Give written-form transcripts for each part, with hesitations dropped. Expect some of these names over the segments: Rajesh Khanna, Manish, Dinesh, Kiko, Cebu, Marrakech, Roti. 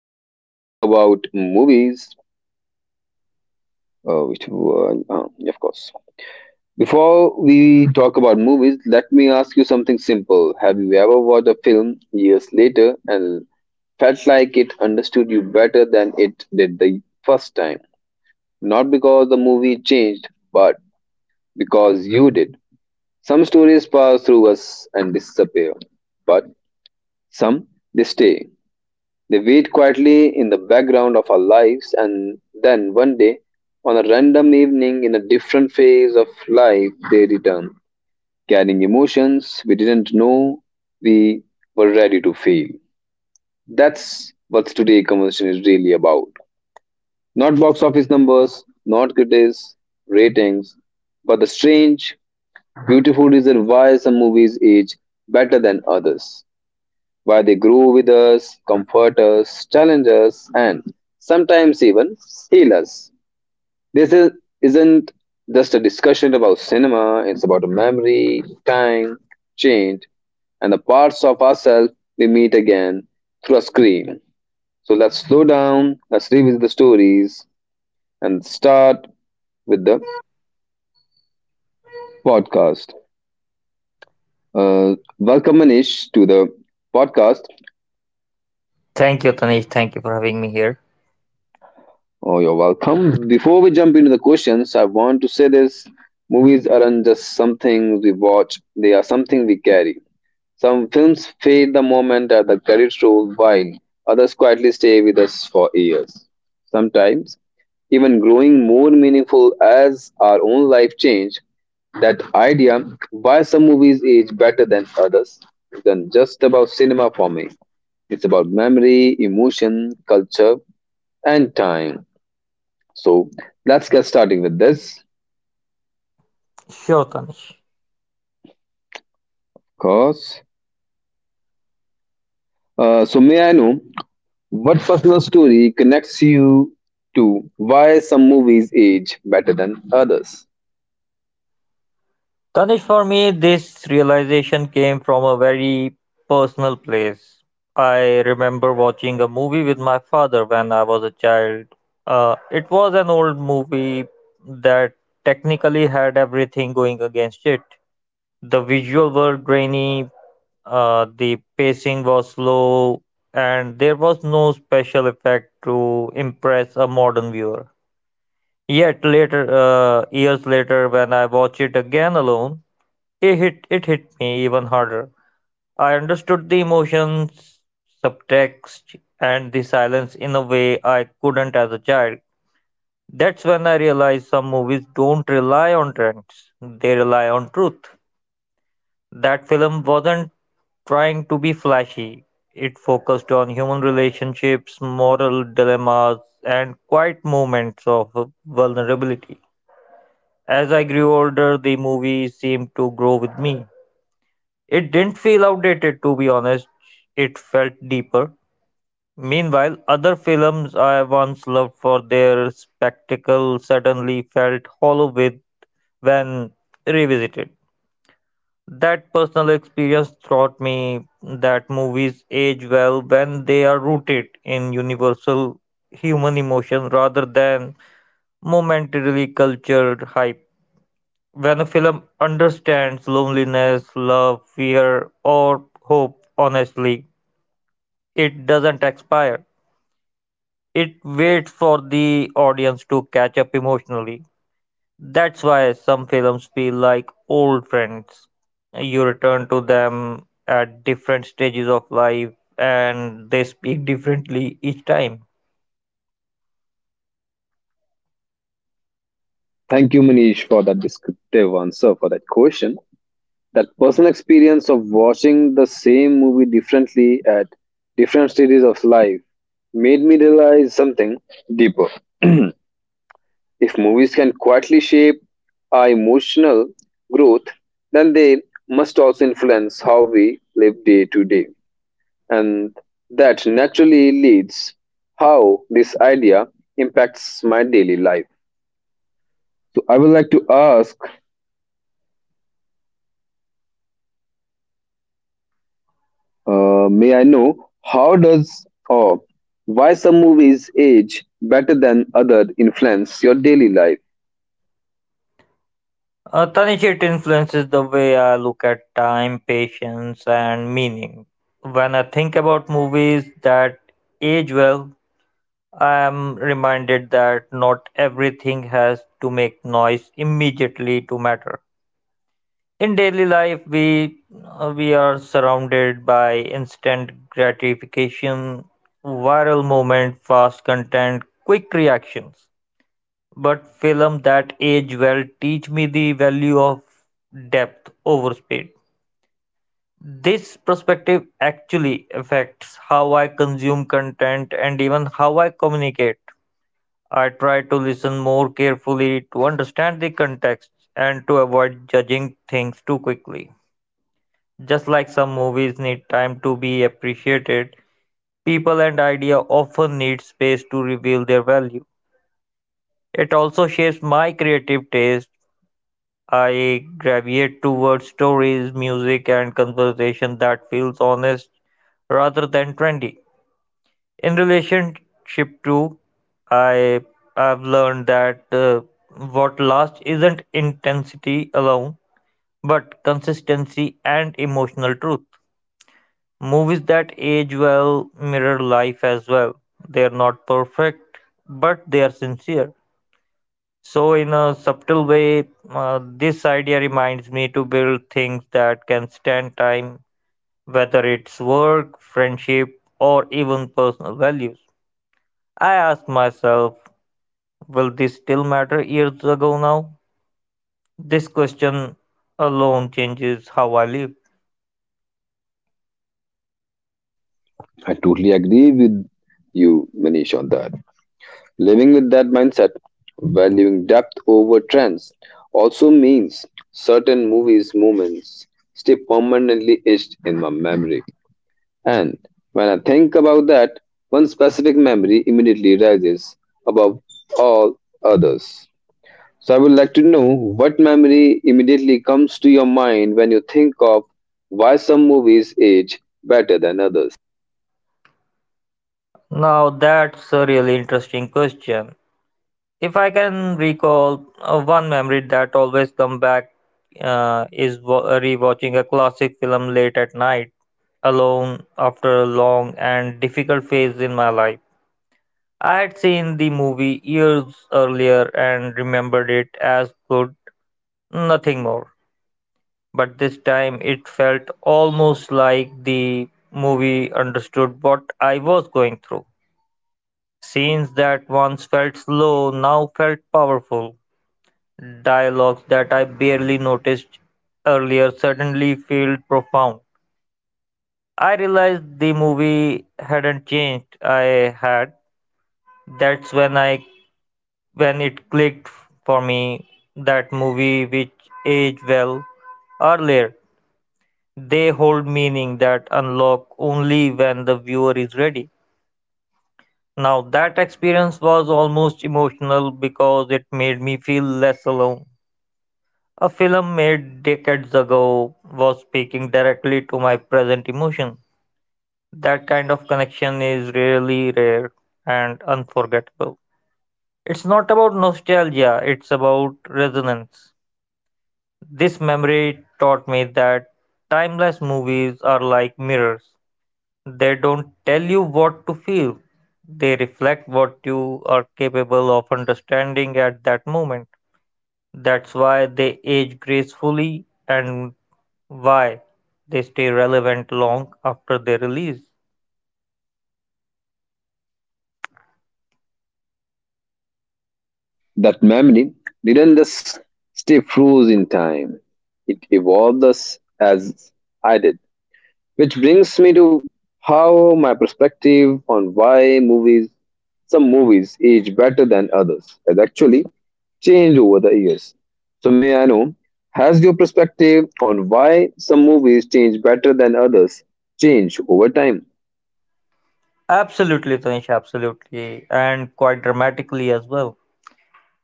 Before we talk about movies, which were, of course, before we talk about movies, let me ask you something simple. Have you ever watched a film years later and felt like it understood you better than it did the first time? Not because the movie changed, but because you did. Some stories pass through us and disappear, but some they stay. They wait quietly in the background of our lives, and then one day, on a random evening in a different phase of life, they return, carrying emotions we didn't know we were ready to feel. That's what today's conversation is really about. Not box office numbers, not critics, ratings, but the strange, beautiful reason why some movies age better than others where they grow with us, comfort us, challenge us, and sometimes even heal us. This isn't just a discussion about cinema, it's about a memory, time, change, and the parts of ourselves we meet again through a screen. So let's slow down, let's revisit the stories, and start with the podcast. Welcome, Manish, to the podcast. Thank you, Tanish. Thank you for having me here. Oh, you're welcome. Before we jump into the questions, I want to say this: movies aren't just something we watch, they are something we carry. Some films fade the moment at the credit roll, while others quietly stay with us for years. Sometimes, even growing more meaningful as our own life change, that idea why some movies age better than others isn't just about cinema for me. It's about memory, emotion, culture, and time. So let's get starting with this, Sure, Tanish. of course. So may I know what personal story connects you to why some movies age better than others? Tanish, for me, this realization came from a very personal place. I remember watching a movie with my father when I was a child. It was an old movie that technically had everything going against it. The visual were grainy, the pacing was slow, and there was no special effect to impress a modern viewer. Yet later, years later, when I watched it again alone, it hit me even harder. I understood the emotions, subtext, and the silence in a way I couldn't as a child. That's when I realized some movies don't rely on trends; they rely on truth. That film wasn't trying to be flashy. It focused on human relationships, moral dilemmas, and quiet moments of vulnerability. As I grew older, the movie seemed to grow with me. It didn't feel outdated, to be honest, it felt deeper. Meanwhile, other films I once loved for their spectacle suddenly felt hollow with when revisited. That personal experience taught me that movies age well when they are rooted in universal human emotion rather than momentarily cultured hype. When a film understands loneliness, love, fear, or hope honestly, it doesn't expire. It waits for the audience to catch up emotionally. That's why some films feel like old friends. You return to them at different stages of life and they speak differently each time. Thank you, Manish, for that descriptive answer for that question. That personal experience of watching the same movie differently at different stages of life made me realize something deeper. If movies can quietly shape our emotional growth, then they must also influence how we live day to day. And that naturally leads how this idea impacts my daily life. So I would like to ask, may I know how does, or why some movies age better than other influence your daily life? Tanishit influences the way I look at time, patience, and meaning. When I think about movies that age well, I am reminded that not everything has to make noise immediately to matter. In daily life, we are surrounded by instant gratification, viral moment, fast content, quick reactions. But film that age well teach me the value of depth over speed. This perspective actually affects how I consume content and even how I communicate. I try to listen more carefully to understand the context and to avoid judging things too quickly. Just like some movies need time to be appreciated, people and ideas often need space to reveal their value. It also shapes my creative taste. I gravitate towards stories, music, and conversation that feels honest rather than trendy. In relationship too, I have learned that what lasts isn't intensity alone, but consistency and emotional truth. Movies that age well mirror life as well. They are not perfect, but they are sincere. So, in a subtle way, this idea reminds me to build things that can stand time, whether it's work, friendship, or even personal values. I ask myself, will this still matter years ago now? This question alone changes how I live. I totally agree with you, Manish, on that. Living with that mindset, valuing depth over trends, also means certain movies' moments stay permanently etched in my memory. And when I think about that, one specific memory immediately rises above all others. So I would like to know what memory immediately comes to your mind when you think of why some movies age better than others. Now, that's a really interesting question. If I can recall one memory that always come back is rewatching a classic film late at night alone after a long and difficult phase in my life. I had seen the movie years earlier and remembered it as good, nothing more. But this time it felt almost like the movie understood what I was going through. Scenes that once felt slow now felt powerful. Dialogues that I barely noticed earlier suddenly felt profound. I realized the movie hadn't changed. I had. That's when I when it clicked for me that movie which aged well earlier. They hold meaning that unlock only when the viewer is ready. Now that experience was almost emotional because it made me feel less alone. A film made decades ago was speaking directly to my present emotion. That kind of connection is really rare and unforgettable. It's not about nostalgia, it's about resonance. This memory taught me that timeless movies are like mirrors. They don't tell you what to feel, they reflect what you are capable of understanding at that moment. That's why they age gracefully and Why? They stay relevant long after their release. That memory didn't just stay froze in time, it evolved us as I did. Which brings me to how my perspective on why movies, some movies age better than others, has actually changed over the years. So, may I know, has your perspective on why some movies change better than others changed over time? Absolutely, Tanish, absolutely. And quite dramatically as well.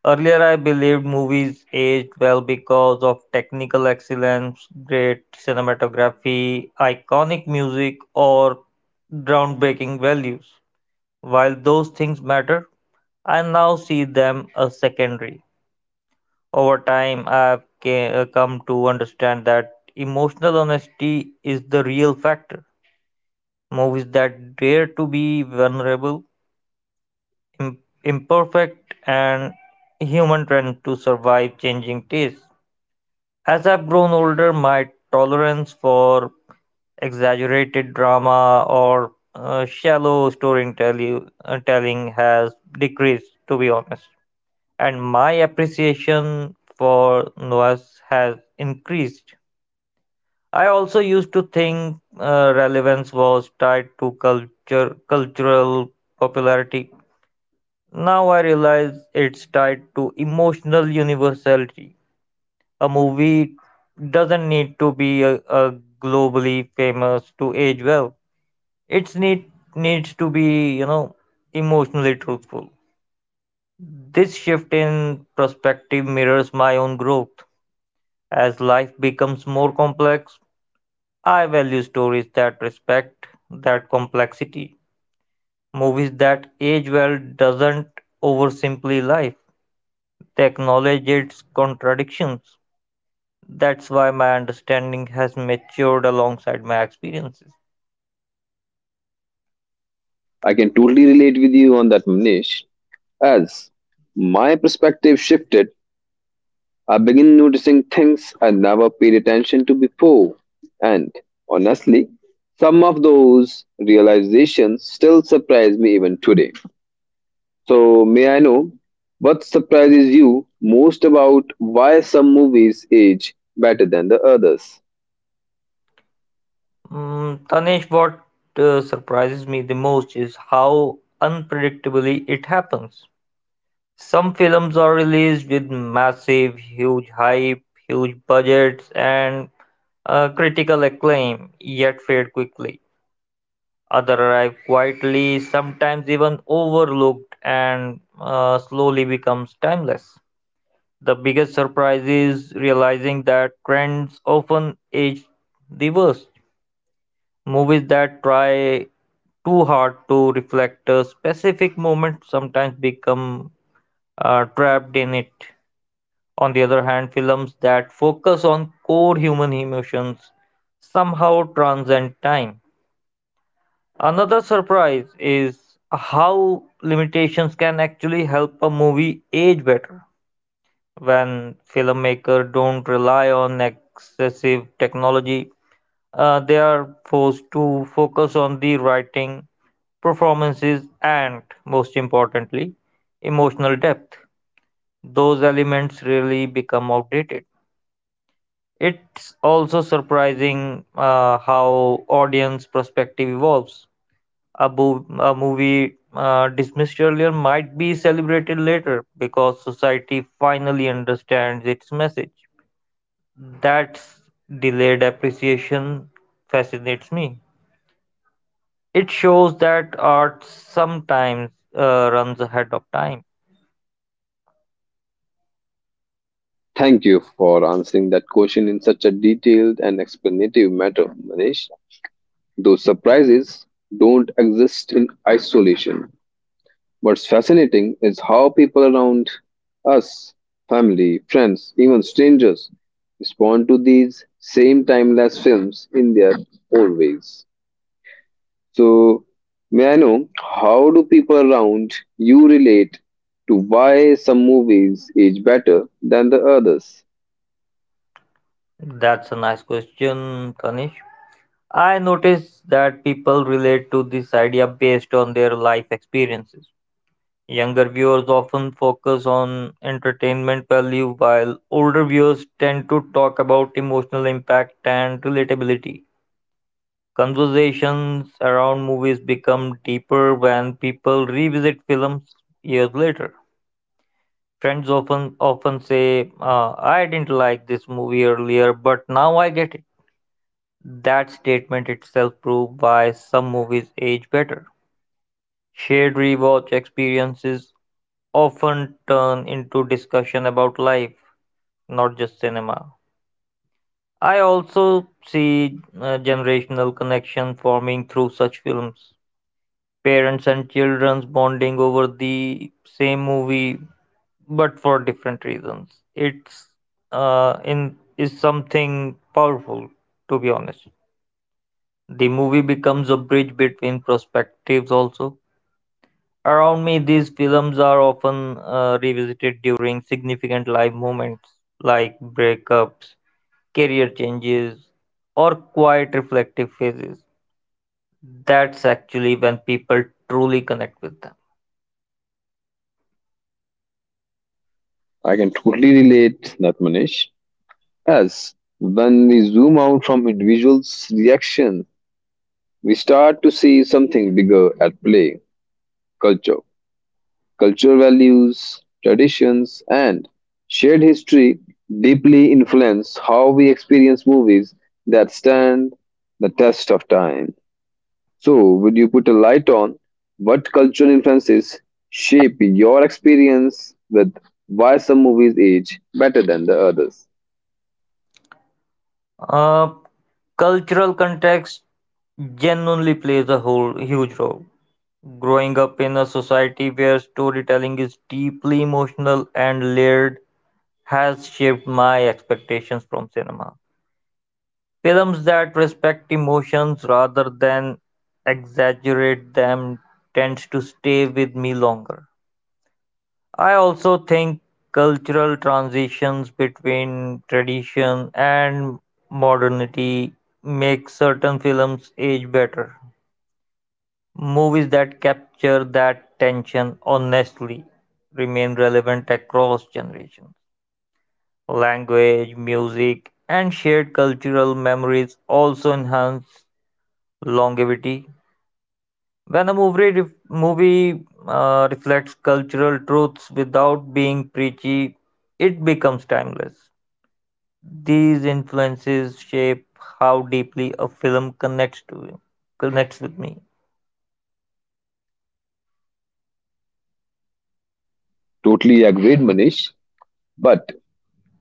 Earlier, I believed movies aged well because of technical excellence, great cinematography, iconic music, or groundbreaking values. While those things matter, I now see them as secondary. Over time, I've come to understand that emotional honesty is the real factor. Movies that dare to be vulnerable, im- imperfect, and human trying to survive changing tastes. As I've grown older, my tolerance for exaggerated drama or shallow storytelling telling has decreased, to be honest, and my appreciation for noise has increased. I also used to think relevance was tied to cultural popularity. Now I realize it's tied to emotional universality. A movie doesn't need to be a globally famous to age well. It's need needs to be, you know, emotionally truthful. This shift in perspective mirrors my own growth. As life becomes more complex, I value stories that respect that complexity. Movies that age well doesn't oversimplify life. They acknowledge its contradictions. That's why my understanding has matured alongside my experiences. I can totally relate with you on that, Manish, as my perspective shifted I begin noticing things I never paid attention to before. And honestly, some of those realizations still surprise me even today. So, may I know what surprises you most about why some movies age better than the others? Tanesh, what surprises me the most is how unpredictably it happens. Some films are released with massive, huge hype, huge budgets, and critical acclaim, yet fade quickly. Others arrive quietly, sometimes even overlooked, and slowly becomes timeless. The biggest surprise is realizing that trends often age the worst. Movies that try too hard to reflect a specific moment sometimes become trapped in it. On the other hand, films that focus on core human emotions somehow transcend time. Another surprise is how limitations can actually help a movie age better when filmmakers don't rely on excessive technology. They are forced to focus on the writing, performances, and most importantly, emotional depth. Those elements really become outdated. It's also surprising how audience perspective evolves. A movie dismissed earlier might be celebrated later because society finally understands its message. That's delayed appreciation fascinates me. It shows that art sometimes runs ahead of time. Thank you for answering that question in such a detailed and explanative manner, Manish. Those surprises don't exist in isolation. What's fascinating is how people around us, family, friends, even strangers, respond to these same timeless films in their own ways. So, may I know how do people around you relate to why some movies age better than the others? That's a nice question, Tanish. I notice that people relate to this idea based on their life experiences. Younger viewers often focus on entertainment value, while older viewers tend to talk about emotional impact and relatability. Conversations around movies become deeper when people revisit films years later. Friends often say, "I didn't like this movie earlier, but now I get it." That statement itself proves why some movies age better. Shared rewatch experiences often turn into discussion about life, not just cinema. I also see generational connection forming through such films. Parents and children bonding over the same movie, but for different reasons. It's in is something powerful, to be honest. The movie becomes a bridge between perspectives also. Around me, these films are often revisited during significant life moments like breakups, career changes, or quiet reflective phases. That's actually when people truly connect with them. I can totally relate that. As when we zoom out from individuals' reaction, we start to see something bigger at play: culture. Cultural values, traditions, and shared history deeply influence how we experience movies that stand the test of time. So, would you put a light on what cultural influences shape your experience with why some movies age better than the others? Uh, Cultural context genuinely plays a whole huge role. Growing up in a society where storytelling is deeply emotional and layered has shaped my expectations from cinema. Films that respect emotions rather than exaggerate them tend to stay with me longer. I also think cultural transitions between tradition and modernity make certain films age better. Movies that capture that tension honestly remain relevant across generations. Language, music, and shared cultural memories also enhance longevity. When a movie reflects cultural truths without being preachy, it becomes timeless. These influences shape how deeply a film connects with me. Totally agreed, Manish. But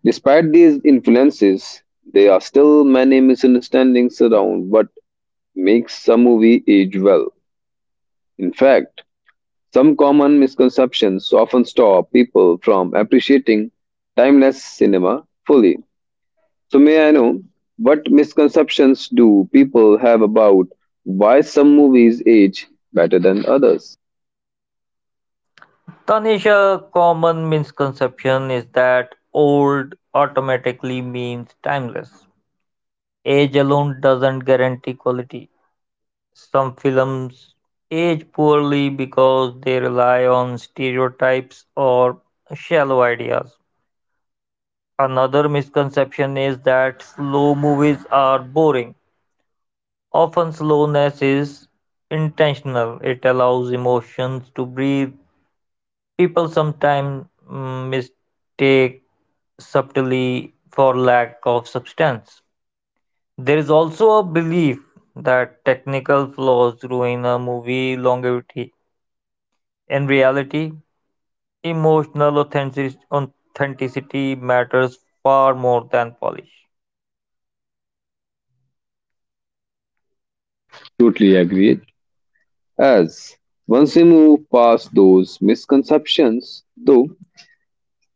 despite these influences, there are still many misunderstandings around what makes some movie age well. In fact, some common misconceptions often stop people from appreciating timeless cinema fully. So, may I know what misconceptions do people have about why some movies age better than others? Tanish, a common misconception is that old automatically means timeless. Age alone doesn't guarantee quality. Some films age poorly because they rely on stereotypes or shallow ideas. Another misconception is that slow movies are boring. Often, slowness is intentional, it allows emotions to breathe. People sometimes mistake subtlety for lack of substance. There is also a belief that technical flaws ruin a movie longevity. In reality, emotional authenticity matters far more than polish. Totally agreed. As once we move past those misconceptions, though,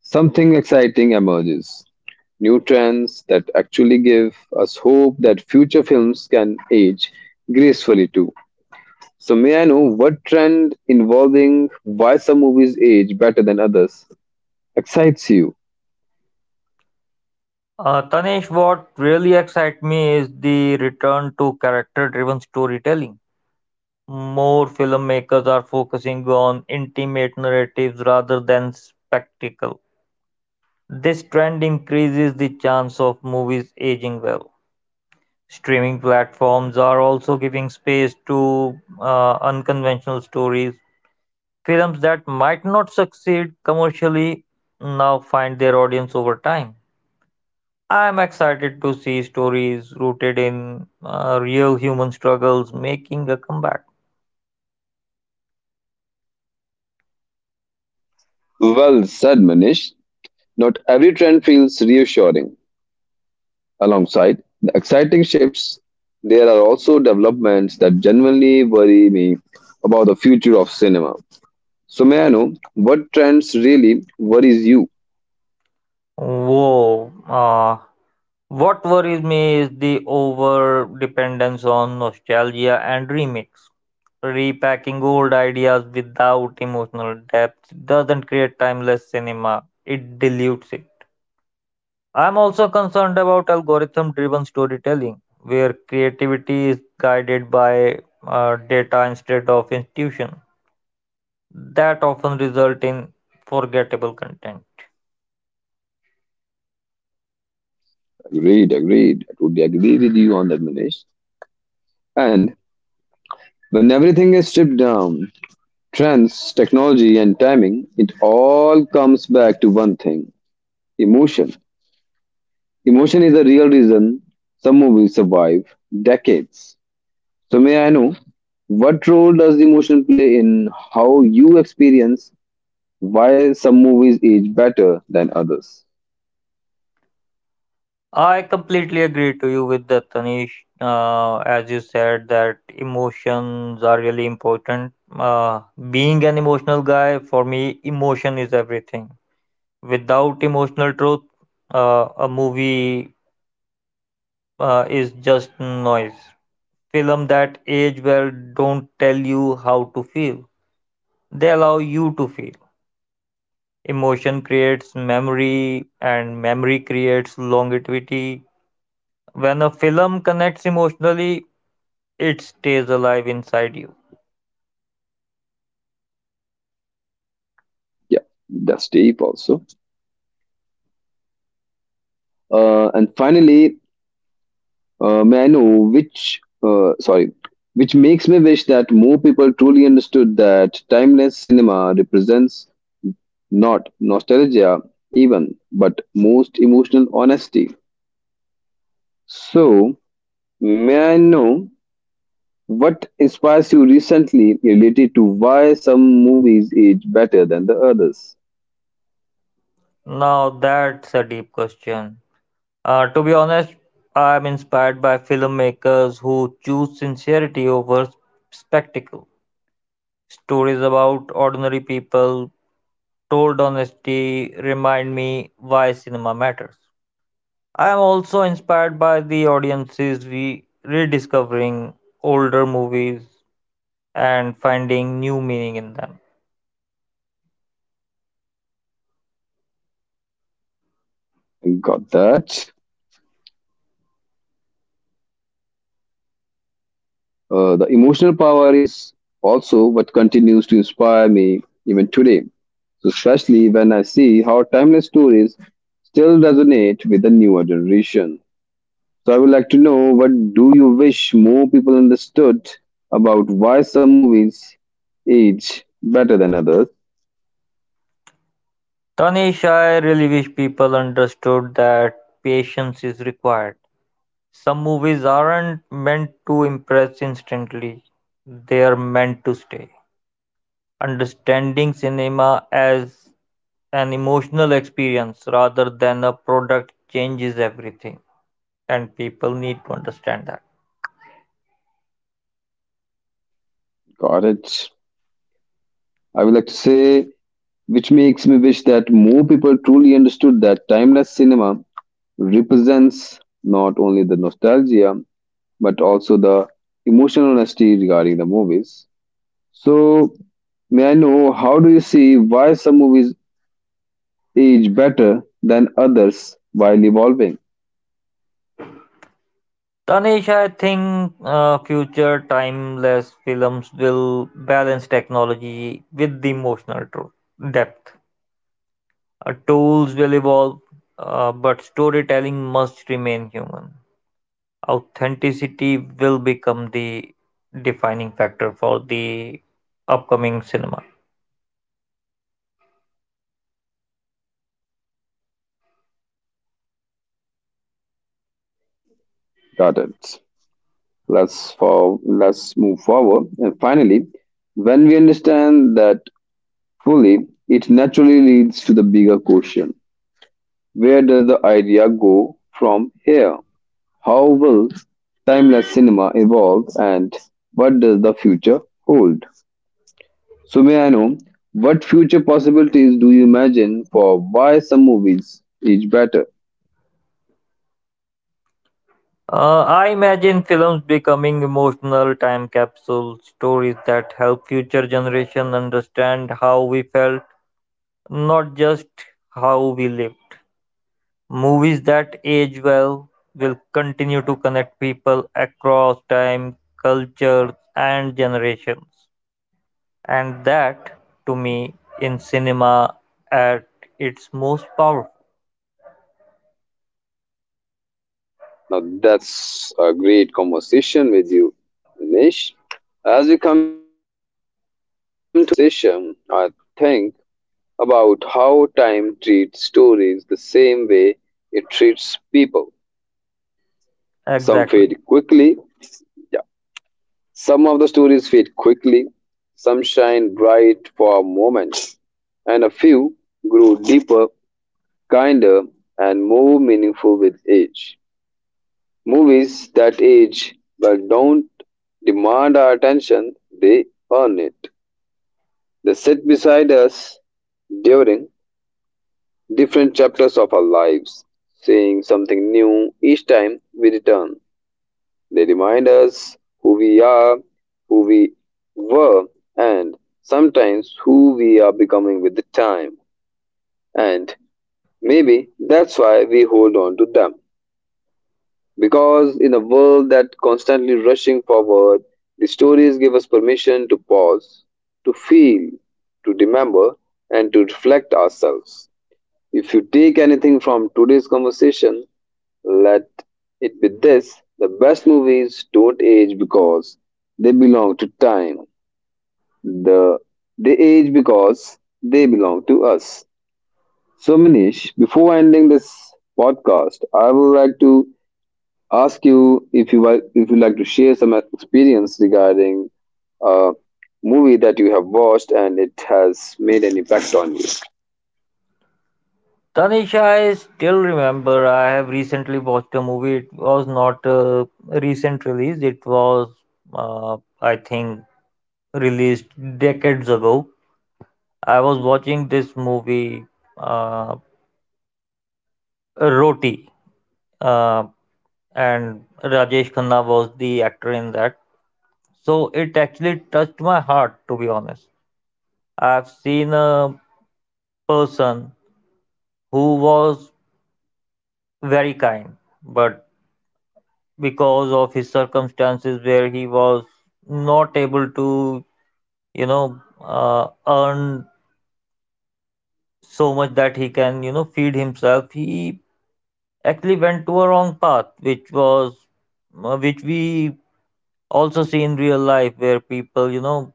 something exciting emerges. New trends that actually give us hope that future films can age gracefully too. So may I know what trend involving why some movies age better than others excites you? Tanesh, what really excites me is the return to character driven storytelling. More filmmakers are focusing on intimate narratives rather than spectacle. This trend increases the chance of movies aging well. Streaming platforms are also giving space to unconventional stories. Films that might not succeed commercially now find their audience over time. I'm excited to see stories rooted in real human struggles making a comeback. Well said, Manish. Not every trend feels reassuring. Alongside the exciting shifts, there are also developments that genuinely worry me about the future of cinema. So may I know what trends really worries you? Whoa. What worries me is the over dependence on nostalgia and remakes. Repacking old ideas without emotional depth doesn't create timeless cinema, it dilutes it. I'm also concerned about algorithm driven storytelling, where creativity is guided by data instead of institution. That often result in forgettable content. Agreed. I totally agree with you on that, Manish. And when everything is stripped down: trends, technology, and timing, it all comes back to one thing: emotion. Emotion is the real reason some movies survive decades. So, may I know what role does emotion play in how you experience why some movies age better than others? I completely agree to you with that, Tanish. As you said, that emotions are really important. Uh, Being an emotional guy, for me, emotion is everything. Without emotional truth, a movie is just noise. Films that age well don't tell you how to feel. They allow you to feel. Emotion creates memory and memory creates longevity. When a film connects emotionally, it stays alive inside you. Yeah, that's deep also. And finally, may I know which, uh, sorry, which makes me wish that more people truly understood that timeless cinema represents not nostalgia, even, but most emotional honesty. So, may I know what inspires you recently related to why some movies age better than the others? Now that's a deep question. To be honest, I'm inspired by filmmakers who choose sincerity over spectacle. Stories about ordinary people told honestly remind me why cinema matters. I am also inspired by the audiences rediscovering older movies and finding new meaning in them. Got that. The emotional power is also what continues to inspire me even today, so, especially when I see how timeless stories still resonate with the newer generation. So I would like to know what do you wish more people understood about why some movies age better than others? Tanish, I really wish people understood that patience is required. Some movies aren't meant to impress instantly, they are meant to stay. Understanding cinema as an emotional experience rather than a product changes everything, and people need to understand that. Got it. I would like to say, which makes me wish that more people truly understood that timeless cinema represents not only the nostalgia but also the emotional honesty regarding the movies. So, may I know how do you see why some movies age better than others while evolving? Tanish, I think future timeless films will balance technology with the emotional truth, depth. Tools will evolve, but storytelling must remain human. Authenticity will become the defining factor for the upcoming cinema. Got it. Let's move forward. And finally, when we understand that fully, it naturally leads to the bigger question: where does the idea go from here? How will timeless cinema evolve and what does the future hold? So, may I know what future possibilities do you imagine for why some movies is better? I imagine films becoming emotional time capsule stories that help future generation understand how we felt, not just how we live. Movies that age well will continue to connect people across time, cultures, and generations. And that, to me, in cinema at its most powerful. Now, that's a great conversation with you, Dinesh. As we come to the end of our, this conversation, I think about how time treats stories the same way it treats people. Some Exactly. fade quickly, yeah. Some of the stories fade quickly, some shine bright for a moment, and a few grow deeper, kinder, and more meaningful with age. Movies that age but don't demand our attention, they earn it. They sit beside us during different chapters of our lives, saying something new each time we return. They remind us who we are, who we were, and sometimes who we are becoming with the time. And maybe that's why we hold on to them. Because in a world that constantly rushing forward, the stories give us permission to pause, to feel, to remember, and to reflect ourselves. If you take anything from today's conversation, let it be this: the best movies don't age because they belong to time. The they age because they belong to us. So Manish, before ending this podcast, I would like to ask you if you like to share some experience regarding a movie that you have watched and it has made an impact on you. Tanisha, I still remember I have recently watched a movie. It was not a recent release, it was, I think, released decades ago. I was watching this movie, uh, Roti. Uh, and Rajesh Khanna was the actor in that. So it actually touched my heart, to be honest. I've seen a person who was very kind, but because of his circumstances where he was not able to, you know, earn so much that he can, you know, feed himself, he actually went to a wrong path, which was, which we also see in real life where people, you know,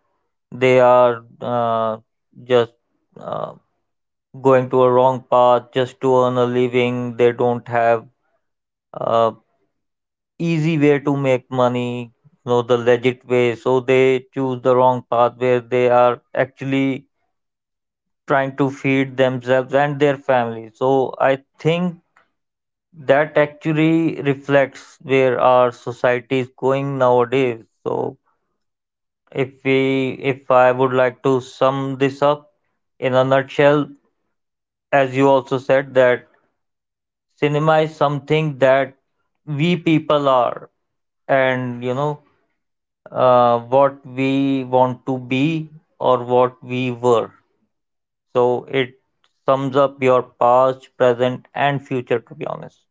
they are just uh, going to a wrong path just to earn a living. They don't have uh, easy way to make money, you know, the legit way. So they choose the wrong path where they are actually trying to feed themselves and their family. So I think that actually reflects where our society is going nowadays. So if I would like to sum this up in a nutshell, as you also said that cinema is something that we people are and you know what we want to be or what we were, so it sums up your past, present and future, to be honest.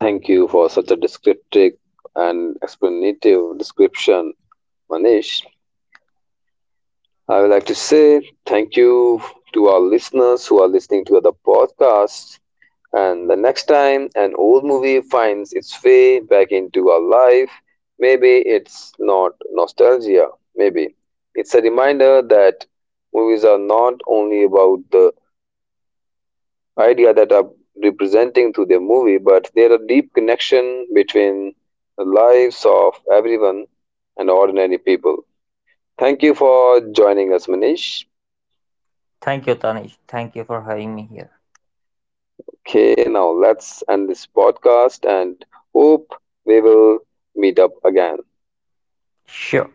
Thank you for such a descriptive and explanative description, Manish. I would like to say thank you to our listeners who are listening to the podcast. And the next time an old movie finds its way back into our life, maybe it's not nostalgia, maybe it's a reminder that movies are not only about the idea that are representing through the movie, but there are deep connection between the lives of everyone and ordinary people. Thank you for joining us, Manish. Thank you, Tanish. Thank you for having me here. Okay, now let's end this podcast and hope we will meet up again. Sure.